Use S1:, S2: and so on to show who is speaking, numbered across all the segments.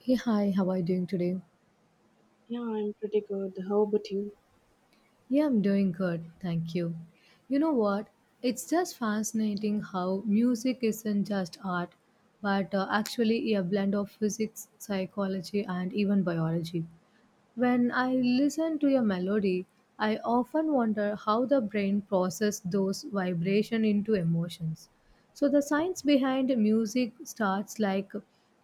S1: Hey, hi, how are you doing today?
S2: Yeah, I'm pretty good. How about you?
S1: Yeah, I'm doing good, thank you. You know what? It's just fascinating how music isn't just art, but actually a blend of physics, psychology, and even biology. When I listen to a melody, I often wonder how the brain processes those vibrations into emotions. So the science behind music starts like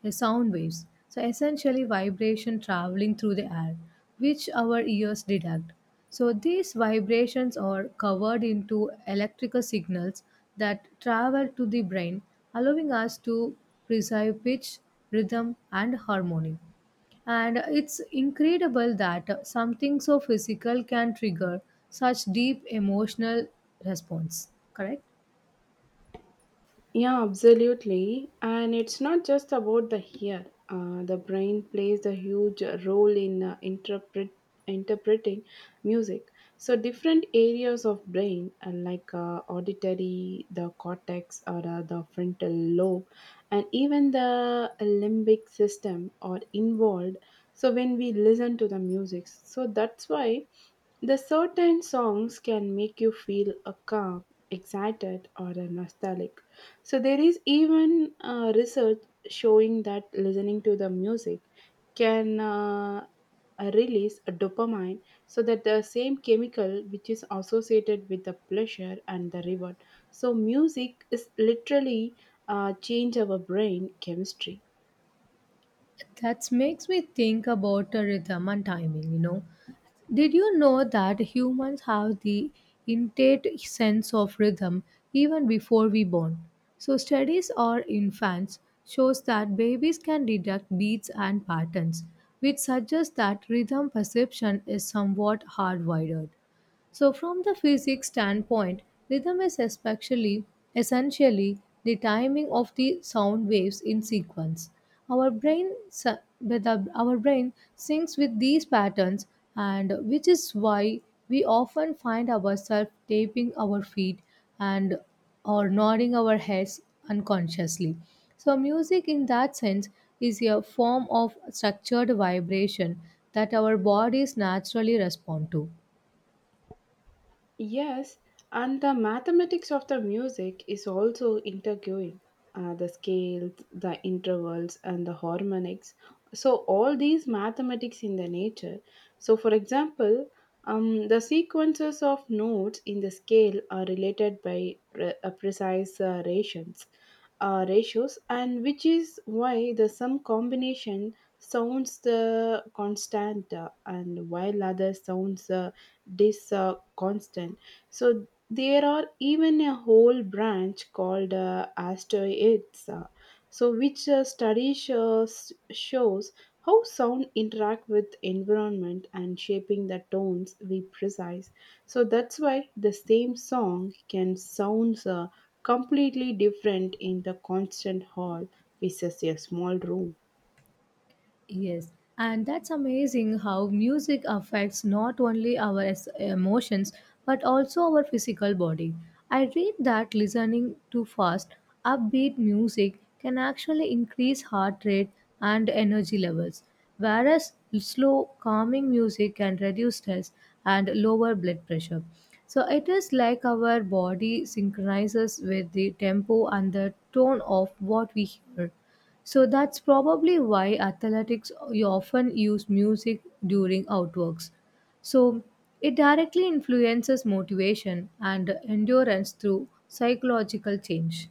S1: a sound waves. So essentially vibration traveling through the air, which our ears detect. So these vibrations are covered into electrical signals that travel to the brain, allowing us to perceive pitch, rhythm, and harmony. And it's incredible that something so physical can trigger such deep emotional response. Correct?
S2: Yeah, absolutely. And it's not just about the ear. The brain plays a huge role in interpreting music. So different areas of brain, like auditory, the cortex, or the frontal lobe, and even the limbic system, are involved. So when we listen to the music, so that's why the certain songs can make you feel a calm, excited, or a nostalgic so there is even research showing that listening to the music can release a dopamine, so that the same chemical which is associated with the pleasure and the reward. So music is literally change our brain chemistry.
S1: That makes me think about the rhythm and timing, you know. Did you know that humans have the innate sense of rhythm even before we born? So studies on infants shows that babies can detect beats and patterns, which suggests that rhythm perception is somewhat hardwired. So from the physics standpoint, rhythm is especially essentially the timing of the sound waves in sequence. Our brain syncs with these patterns and which is why we often find ourselves tapping our feet and or nodding our heads unconsciously. So music in that sense is a form of structured vibration that our bodies naturally respond to.
S2: Yes, and the mathematics of the music is also interviewing the scales, the intervals, and the harmonics. So all these mathematics in the nature. So for example, the sequences of notes in the scale are related by precise ratios, and which is why the some combination sounds the constant and while other sounds this constant. So there are even a whole branch called asteroids, so which studies shows how sound interact with environment and shaping the tones we precise. So that's why the same song can sounds completely different in the constant hall versus a small room.
S1: Yes, and that's amazing how music affects not only our emotions but also our physical body. I read that listening to fast, upbeat music can actually increase heart rate and energy levels, whereas slow, calming music can reduce stress and lower blood pressure. So it is like our body synchronizes with the tempo and the tone of what we hear. So that's probably why athletics you often use music during outworks. So it directly influences motivation and endurance through psychological change.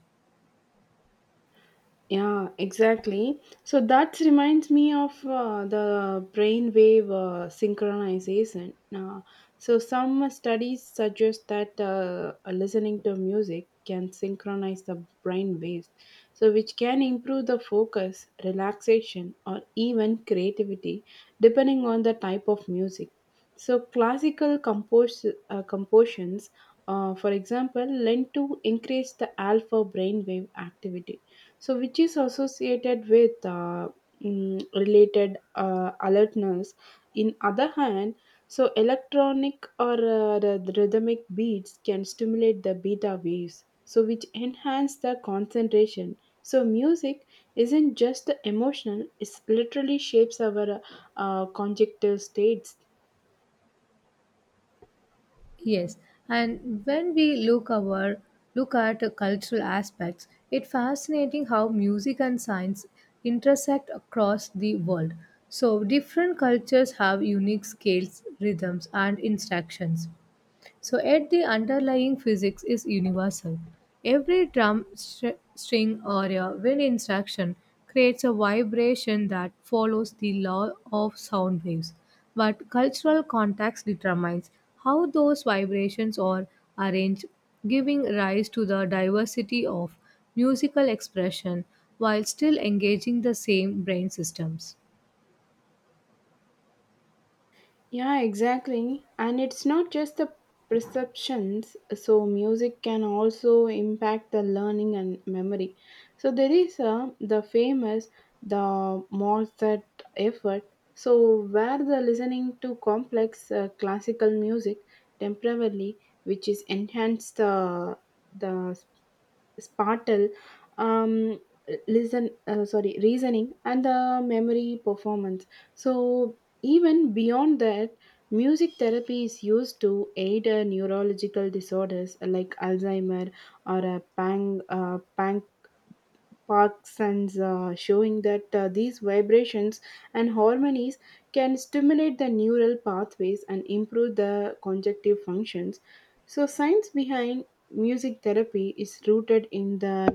S2: Yeah, exactly. So that reminds me of the brainwave synchronization. So some studies suggest that listening to music can synchronize the brain waves, so which can improve the focus, relaxation, or even creativity, depending on the type of music. So classical compositions, for example, lend to increase the alpha brainwave activity so which is associated with related alertness in other hand so electronic or rhythmic beats can stimulate the beta waves so which enhance the concentration so music isn't just emotional it literally shapes our conjunctive states.
S1: Yes, and when we look at the cultural aspects, it's fascinating how music and science intersect across the world. So different cultures have unique scales, rhythms, and instructions. So, at the underlying physics is universal. Every string or a wind instruction creates a vibration that follows the law of sound waves, but cultural context determines how those vibrations are arranged, giving rise to the diversity of musical expression while still engaging the same brain systems.
S2: Yeah, exactly. And it's not just the perceptions, so music can also impact the learning and memory. So there is the famous the Mozart effort, so where the listening to complex classical music temporarily, which is enhanced the sparkle, um, listen, sorry, reasoning, and the memory performance. So even beyond that, music therapy is used to aid neurological disorders like Alzheimer or a pang, panc parks and showing that these vibrations and harmonies can stimulate the neural pathways and improve the conjunctive functions so science behind music therapy is rooted in the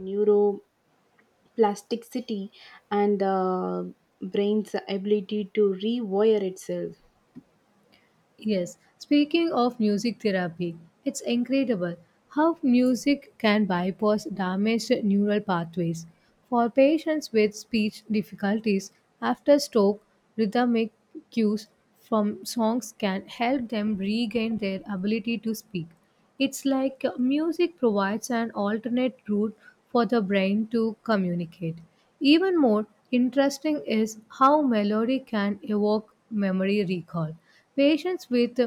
S2: neuroplasticity and the brain's ability to rewire itself.
S1: Yes, speaking of music therapy, it's incredible how music can bypass damaged neural pathways. For patients with speech difficulties, after stroke, rhythmic cues from songs can help them regain their ability to speak. It's like music provides an alternate route for the brain to communicate. Even more interesting is how melody can evoke memory recall. Patients with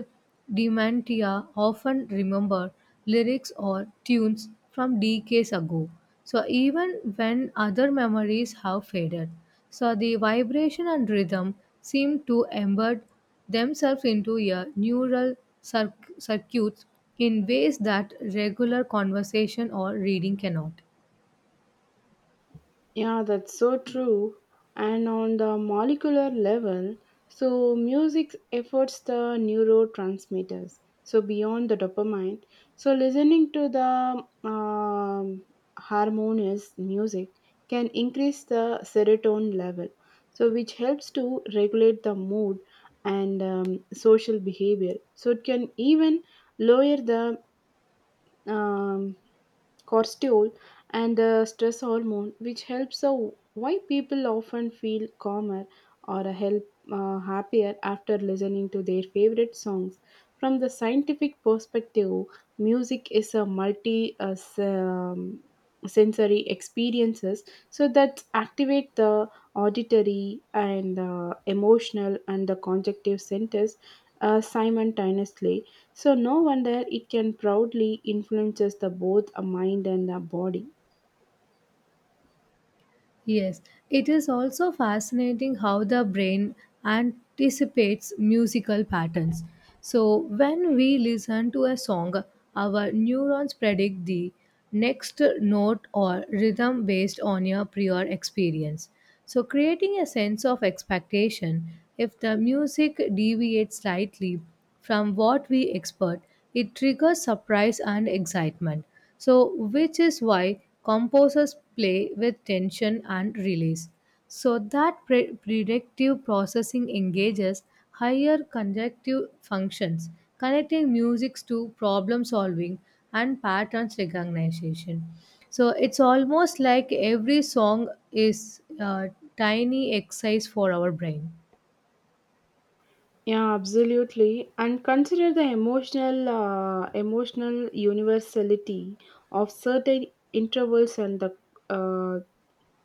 S1: dementia often remember lyrics or tunes from decades ago. So even when other memories have faded, so the vibration and rhythm seem to embed themselves into a neural circuits in ways that regular conversation or reading cannot.
S2: Yeah, that's so true. And on the molecular level, so music efforts the neurotransmitters. So beyond the dopamine, so listening to the harmonious music can increase the serotonin level, so which helps to regulate the mood and social behavior. So it can even lower the um, cortisol and the stress hormone which helps so why people often feel calmer or a help happier after listening to their favorite songs from the scientific perspective music is a multi sensory experiences so that activate the auditory and emotional and the conjunctive centers simultaneously so no wonder it can proudly influences the both a mind and a body.
S1: Yes, it is also fascinating how the brain anticipates musical patterns. So, when we listen to a song, our neurons predict the next note or rhythm based on your prior experience. So, creating a sense of expectation, if the music deviates slightly from what we expect, it triggers surprise and excitement. So, which is why composers play with tension and release. So, that predictive processing engages higher conjunctive functions, connecting music to problem solving and patterns recognition. So, it's almost like every song is a tiny exercise for our brain.
S2: Yeah, absolutely. And consider the emotional universality of certain intervals and the uh,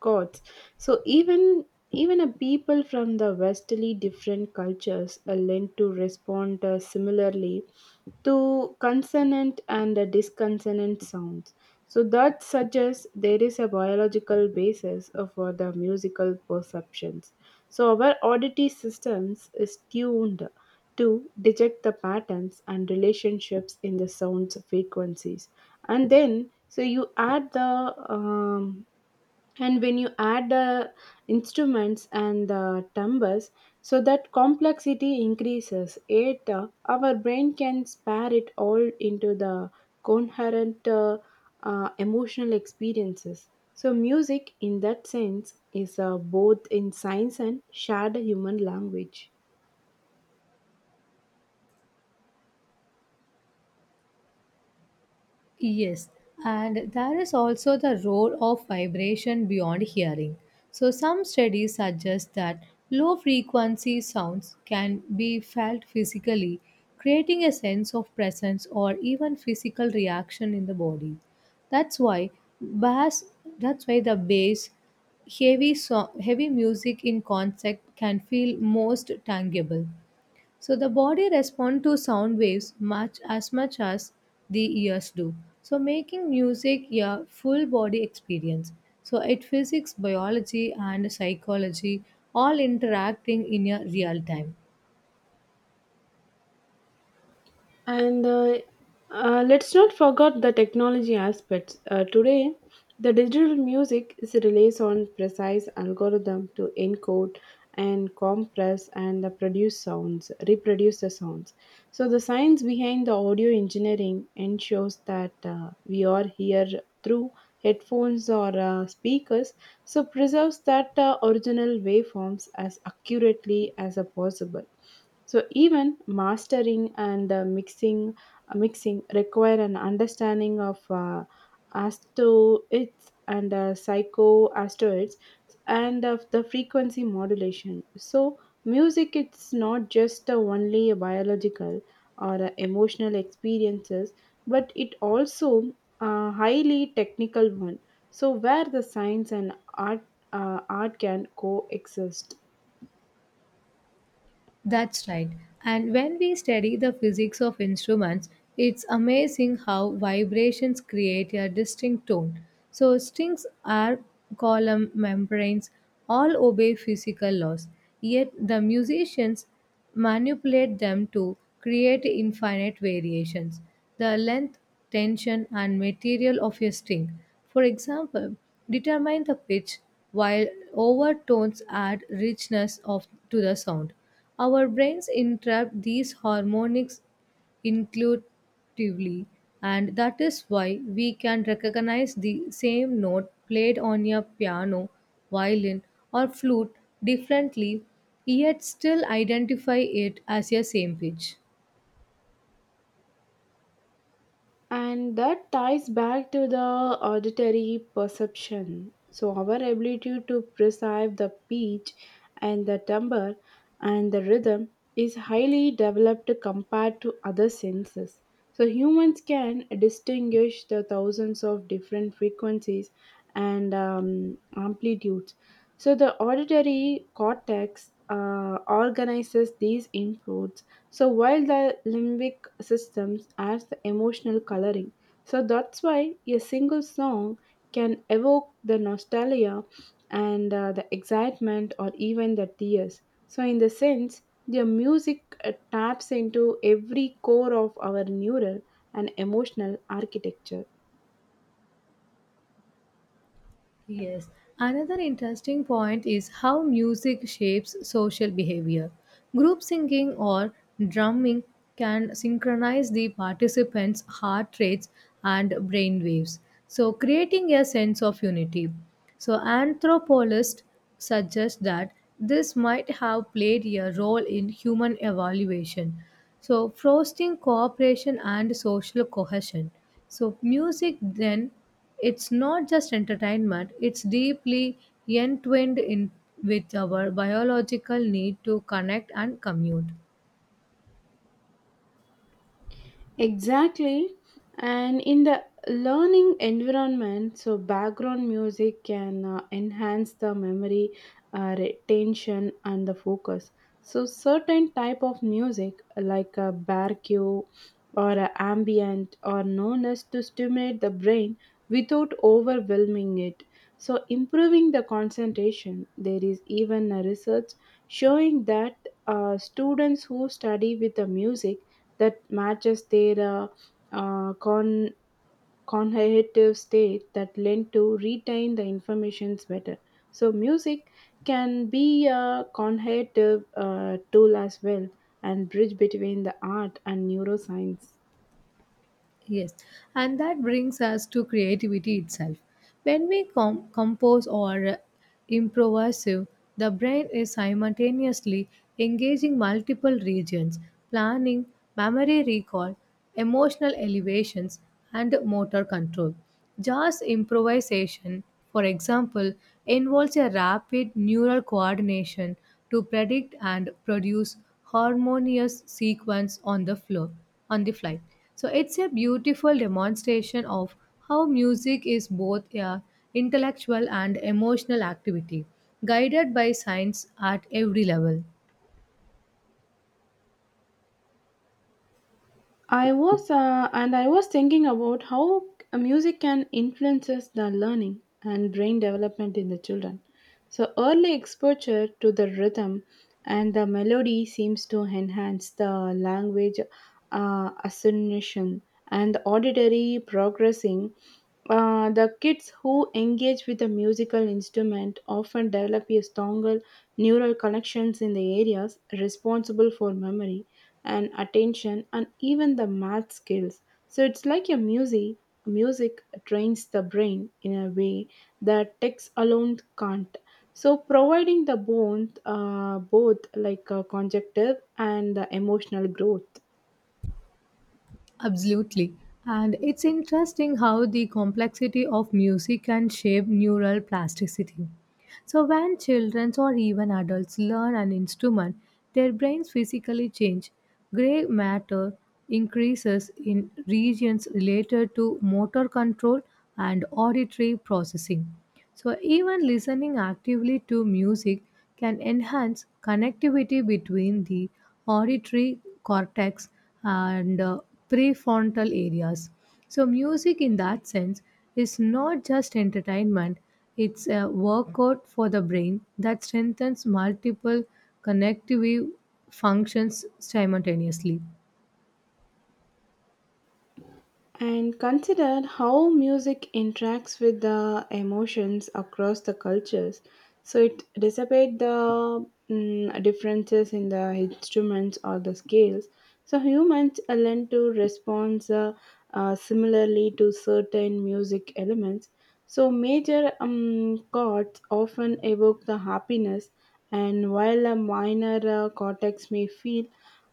S2: gods. So even a people from the vastly different cultures are lent to respond similarly to consonant and the disconsonant sounds. So that suggests there is a biological basis for the musical perceptions. So our auditory systems is tuned to detect the patterns and relationships in the sounds frequencies, and then so you add the um, and when you add the instruments and the timbres so that complexity increases it, our brain can spare it all into the coherent emotional experiences so music in that sense is both in science and shared human language.
S1: Yes, and there is also the role of vibration beyond hearing. So, some studies suggest that low frequency sounds can be felt physically, creating a sense of presence or even physical reaction in the body. That's why bass, that's why the bass, heavy music in concert can feel most tangible. So the body responds to sound waves much as the ears do. So making music a full body experience. So it physics, biology and psychology all interacting in a real time.
S2: And let's not forget the technology aspects. Today, the digital music is relies on precise algorithm to encode and compress and produce sounds, reproduce the sounds. So the science behind the audio engineering ensures that we are here through headphones or speakers, so preserves that original waveforms as accurately as possible. So even mastering and mixing require an understanding of asteroids and psychoasteroids and of the frequency modulation. So music it's not just only a biological or emotional experiences, but it also a highly technical one. So where the science and art can coexist.
S1: That's right. And when we study the physics of instruments, it's amazing how vibrations create a distinct tone. So, strings are column membranes, all obey physical laws, yet, the musicians manipulate them to create infinite variations. The length, tension, and material of a string, for example, determine the pitch, while overtones add richness of, to the sound. Our brains entrap these harmonics intuitively, and that is why we can recognize the same note played on a piano, violin, or flute differently, yet still identify it as a same pitch.
S2: And that ties back to the auditory perception so our ability to perceive the pitch and the timbre and the rhythm is highly developed compared to other senses so humans can distinguish the thousands of different frequencies and amplitudes so the auditory cortex organizes these inputs so while the limbic systems adds the emotional coloring. So that's why a single song can evoke the nostalgia and the excitement or even the tears. So in the sense, their music taps into every core of our neural and emotional architecture.
S1: Yes. Another interesting point is how music shapes social behavior. Group singing or drumming can synchronize the participants' heart rates and brain waves, so creating a sense of unity. So, anthropologists suggest that this might have played a role in human evaluation. So, fostering cooperation and social cohesion. So, music then it's not just entertainment, it's deeply entwined in with our biological need to connect and commute.
S2: Exactly. And in the learning environment, so background music can enhance the memory, retention, and the focus. So certain type of music like a barque or a ambient are known as to stimulate the brain without overwhelming it. So improving the concentration. There is even a research showing that students who study with the music that matches their uh, con- cognitive state that lend to retain the informations better. So music can be a cognitive tool as well and bridge between the art and neuroscience.
S1: Yes, and that brings us to creativity itself. When we compose or improvise, the brain is simultaneously engaging multiple regions, planning, memory recall, emotional elevations, and motor control. Jazz improvisation, for example, involves a rapid neural coordination to predict and produce harmonious sequence on the fly. So it's a beautiful demonstration of how music is both a intellectual and emotional activity, guided by science at every level.
S2: I was and I was thinking about how music can influences the learning and brain development in the children. So early exposure to the rhythm and the melody seems to enhance the language assimilation and auditory progressing. The kids who engage with a musical instrument often develop a stronger neural connections in the areas responsible for memory and attention and even the math skills so it's like a music trains the brain in a way that text alone can't so providing the both like conjunctive and the emotional growth.
S1: Absolutely. And it's interesting how the complexity of music can shape neural plasticity. So, when children or even adults learn an instrument, their brains physically change. Gray matter increases in regions related to motor control and auditory processing. So, even listening actively to music can enhance connectivity between the auditory cortex and prefrontal areas. So, music in that sense is not just entertainment, it's a workout for the brain that strengthens multiple connective functions simultaneously.
S2: And consider how music interacts with the emotions across the cultures so it dissipate the differences in the instruments or the scales so humans are learn to respond similarly to certain music elements so major chords often evoke the happiness and while a minor uh, cortex may feel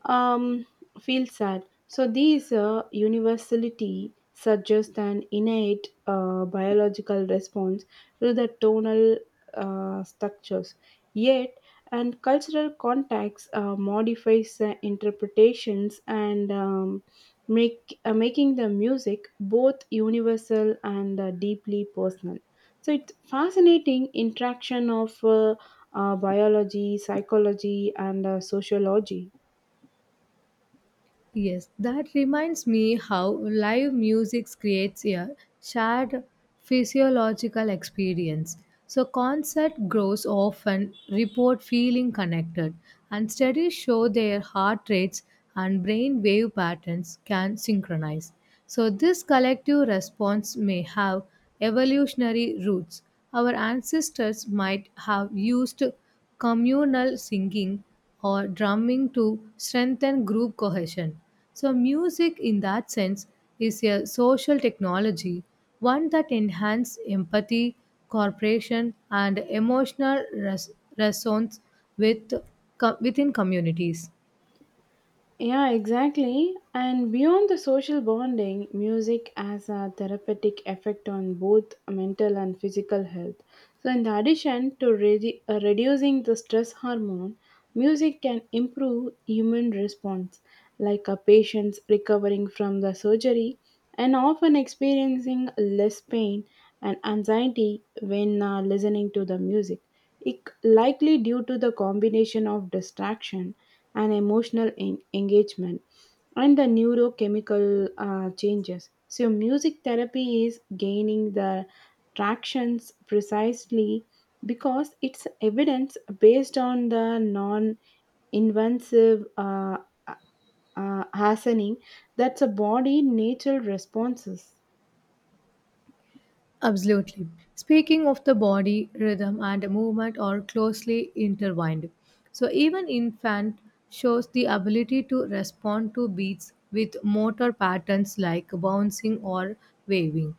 S2: um, feel sad so these universality suggests an innate biological response to the tonal structures. Yet, and cultural context modifies the interpretations and make making the music both universal and deeply personal. So it's fascinating interaction of biology, psychology, and sociology.
S1: Yes, that reminds me how live music creates a shared physiological experience. So concert grows often report feeling connected and studies show their heart rates and brain wave patterns can synchronize. So this collective response may have evolutionary roots. Our ancestors might have used communal singing or drumming to strengthen group cohesion. So, music in that sense is a social technology, one that enhances empathy, cooperation, and emotional resonance with, within communities.
S2: Yeah, exactly. And beyond the social bonding, music has a therapeutic effect on both mental and physical health. So in addition to reducing the stress hormone, music can improve human response, like a patient's recovering from the surgery and often experiencing less pain and anxiety when listening to the music. It likely due to the combination of distraction and emotional engagement and the neurochemical changes. So music therapy is gaining the tractions precisely because it's evidence based on the non invasive uh, hastening that's a body natural responses.
S1: Absolutely. Speaking of the body, rhythm and movement are closely intertwined. So even infant shows the ability to respond to beats with motor patterns like bouncing or waving.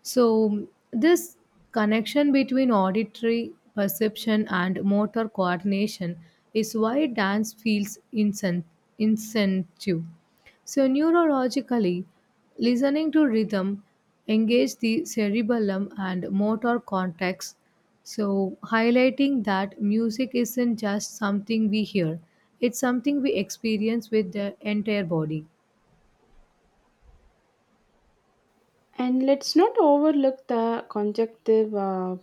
S1: So, this connection between auditory perception and motor coordination is why dance feels incentive. So, neurologically, listening to rhythm engages the cerebellum and motor cortex. So, highlighting that music isn't just something we hear, it's something we experience with the entire body.
S2: And let's not overlook the conjunctive uh,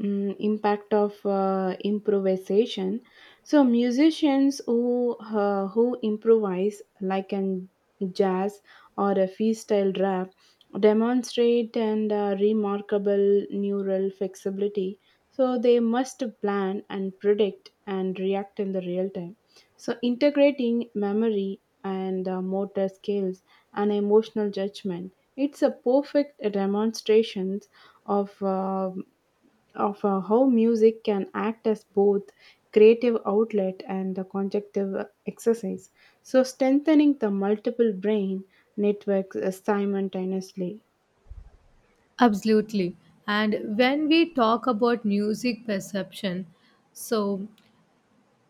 S2: mm, impact of improvisation. So musicians who improvise, like in jazz or a freestyle rap, demonstrate and remarkable neural flexibility. So they must plan and predict and react in the real time. So integrating memory and motor skills and emotional judgment, it's a perfect demonstration of, uh, of how music can act as both creative outlet and a conjunctive exercise. So strengthening the multiple brain networks simultaneously.
S1: Absolutely. And when we talk about music perception, so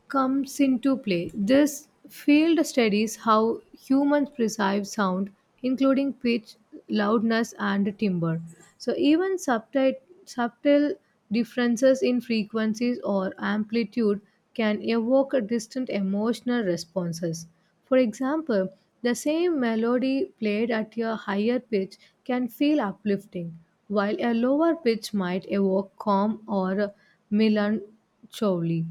S1: comes into play. This field studies how humans perceive sound, including pitch, loudness, and timbre. So, even subtle differences in frequencies or amplitude can evoke distant emotional responses. For example, the same melody played at a higher pitch can feel uplifting, while a lower pitch might evoke calm or melancholy.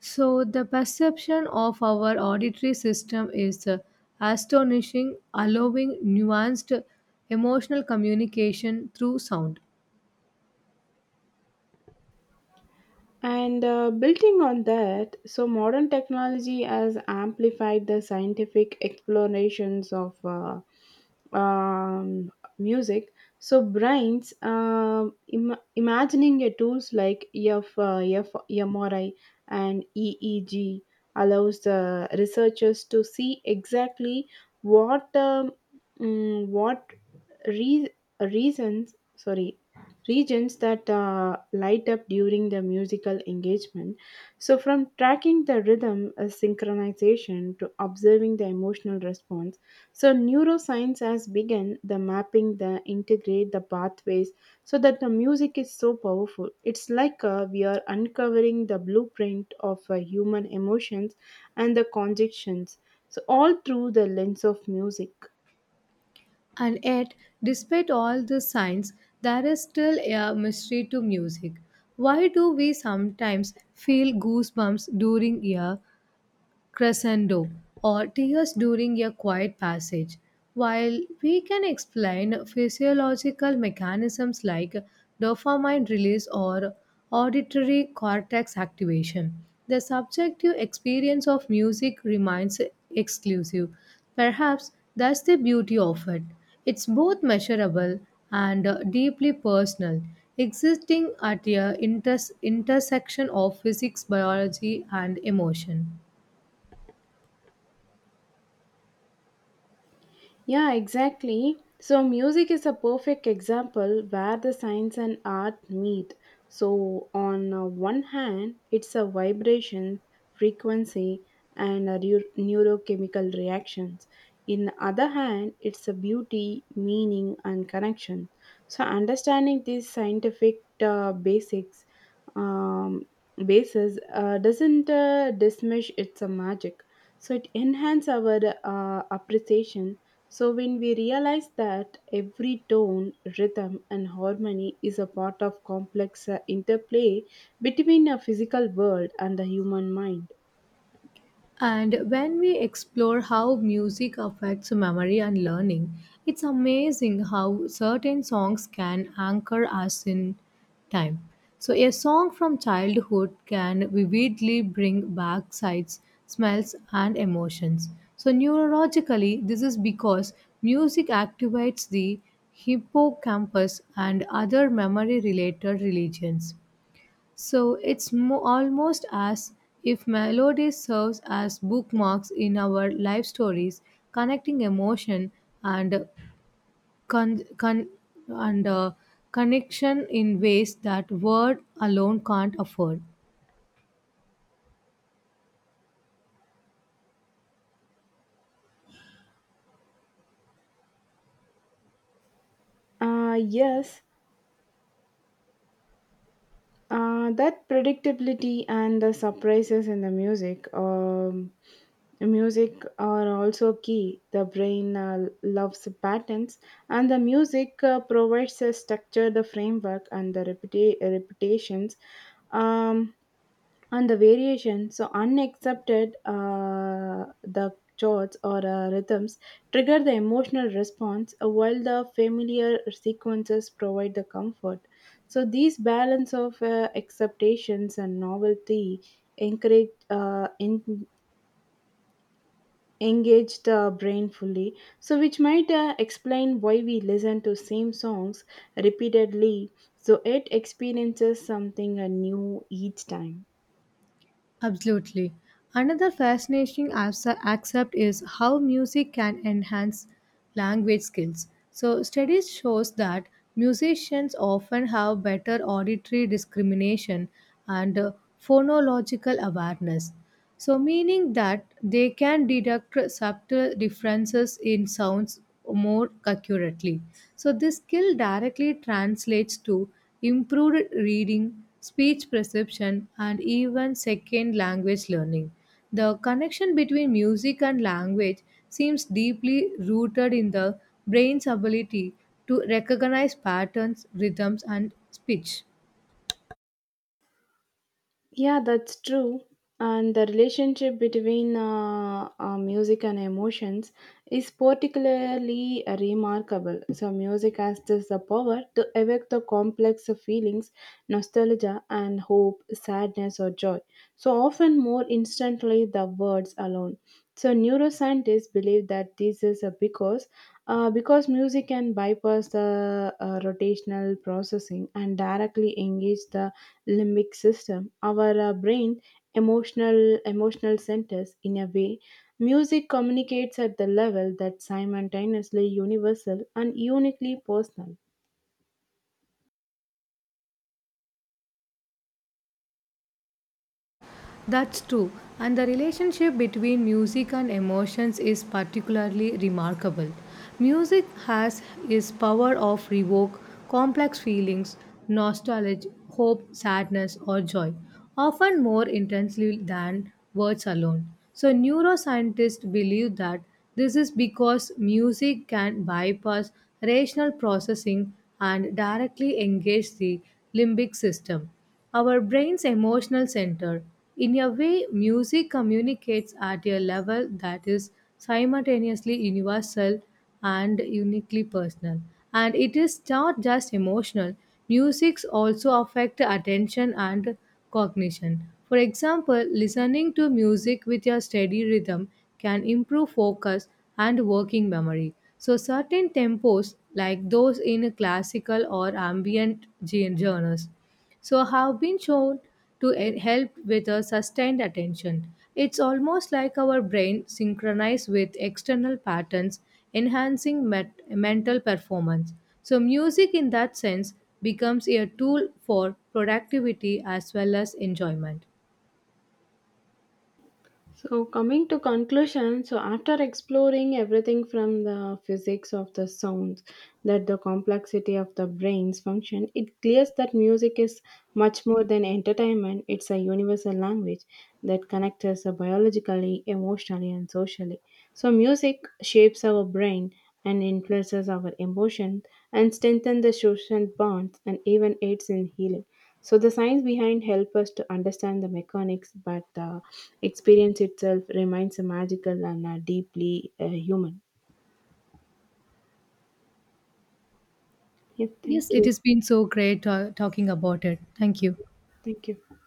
S1: So, the perception of our auditory system is astonishing, allowing nuanced emotional communication through sound.
S2: And building on that, so modern technology has amplified the scientific explorations of um, music. So brains imagining a tools like EF, and EEG allows the researchers to see exactly what mm, what re- reasons sorry regions that light up during the musical engagement so from tracking the rhythm synchronization to observing the emotional response so neuroscience has begun the mapping the integrate the pathways so that the music is so powerful it's like we are uncovering the blueprint of human emotions and the conjunctions so all through the lens of music.
S1: And yet, despite all the signs, there is still a mystery to music. Why do we sometimes feel goosebumps during a crescendo or tears during a quiet passage. While we can explain physiological mechanisms like dopamine release or auditory cortex activation, the subjective experience of music remains exclusive. Perhaps that's the beauty of it. It's both measurable and deeply personal, existing at a intersection of physics, biology, and emotion.
S2: Yeah, exactly. So music is a perfect example where the science and art meet. So on one hand, it's a vibration, frequency, and a neurochemical reactions. In the other hand, it's a beauty, meaning, and connection. So understanding these scientific basics um, basis doesn't dismiss its a magic. So it enhances our appreciation so when we realize that every tone, rhythm, and harmony is a part of complex interplay between a physical world and the human mind.
S1: And when we explore how music affects memory and learning, it's amazing how certain songs can anchor us in time. So, a song from childhood can vividly bring back sights, smells, and emotions. So, neurologically, this is because music activates the hippocampus and other memory related regions. So it's almost as if melody serves as bookmarks in our life stories, connecting emotion and con- con- and uh, connection in ways that word alone can't afford.
S2: Yes, that predictability and the surprises in the music. Music are also key. The brain loves patterns, and the music provides a structure, the framework, and the reputations. Um, and the variation so unaccepted the chords or rhythms trigger the emotional response while the familiar sequences provide the comfort so these balance of acceptations and novelty encourage engage the brain fully so which might explain why we listen to same songs repeatedly so it experiences something new each time.
S1: Absolutely. Another fascinating aspect is how music can enhance language skills. So, studies shows that musicians often have better auditory discrimination and phonological awareness. So, meaning that they can deduct subtle differences in sounds more accurately. So, this skill directly translates to improved reading, speech perception, and even second language learning. The connection between music and language seems deeply rooted in the brain's ability to recognize patterns, rhythms, and speech.
S2: Yeah, that's true. And the relationship between music and emotions is particularly remarkable. So music has this the power to evoke the complex of feelings, nostalgia, and hope, sadness, or joy. So often more instantly the words alone. So neuroscientists believe that this is a because music can bypass the rotational processing and directly engage the limbic system, our brain emotional centers in a way music communicates at the level that's simultaneously universal and uniquely personal.
S1: That's true. And the relationship between music and emotions is particularly remarkable. Music has its power of evoke complex feelings, nostalgia, hope, sadness, or joy, often more intensely than words alone. So neuroscientists believe that this is because music can bypass rational processing and directly engage the limbic system our brain's emotional center. In a way, music communicates at a level that is simultaneously universal and uniquely personal. And it is not just emotional, musics also affect attention and cognition. For example, listening to music with a steady rhythm can improve focus and working memory. So, certain tempos, like those in classical or ambient genres, so have been shown to help with a sustained attention. It's almost like our brain synchronized with external patterns, enhancing mental performance. So, music in that sense becomes a tool for productivity as well as enjoyment.
S2: So coming to conclusion, so after exploring everything from the physics of the sounds, that the complexity of the brain's function, it clears that music is much more than entertainment. It's a universal language that connects us biologically, emotionally, and socially. So music shapes our brain and influences our emotion and strengthens the social bonds and even aids in healing. So the science behind help us to understand the mechanics, but the experience itself remains magical and deeply human. Yeah,
S1: Yes,
S2: thank
S1: it
S2: you.
S1: has been so great talking about it. Thank you.
S2: Thank you.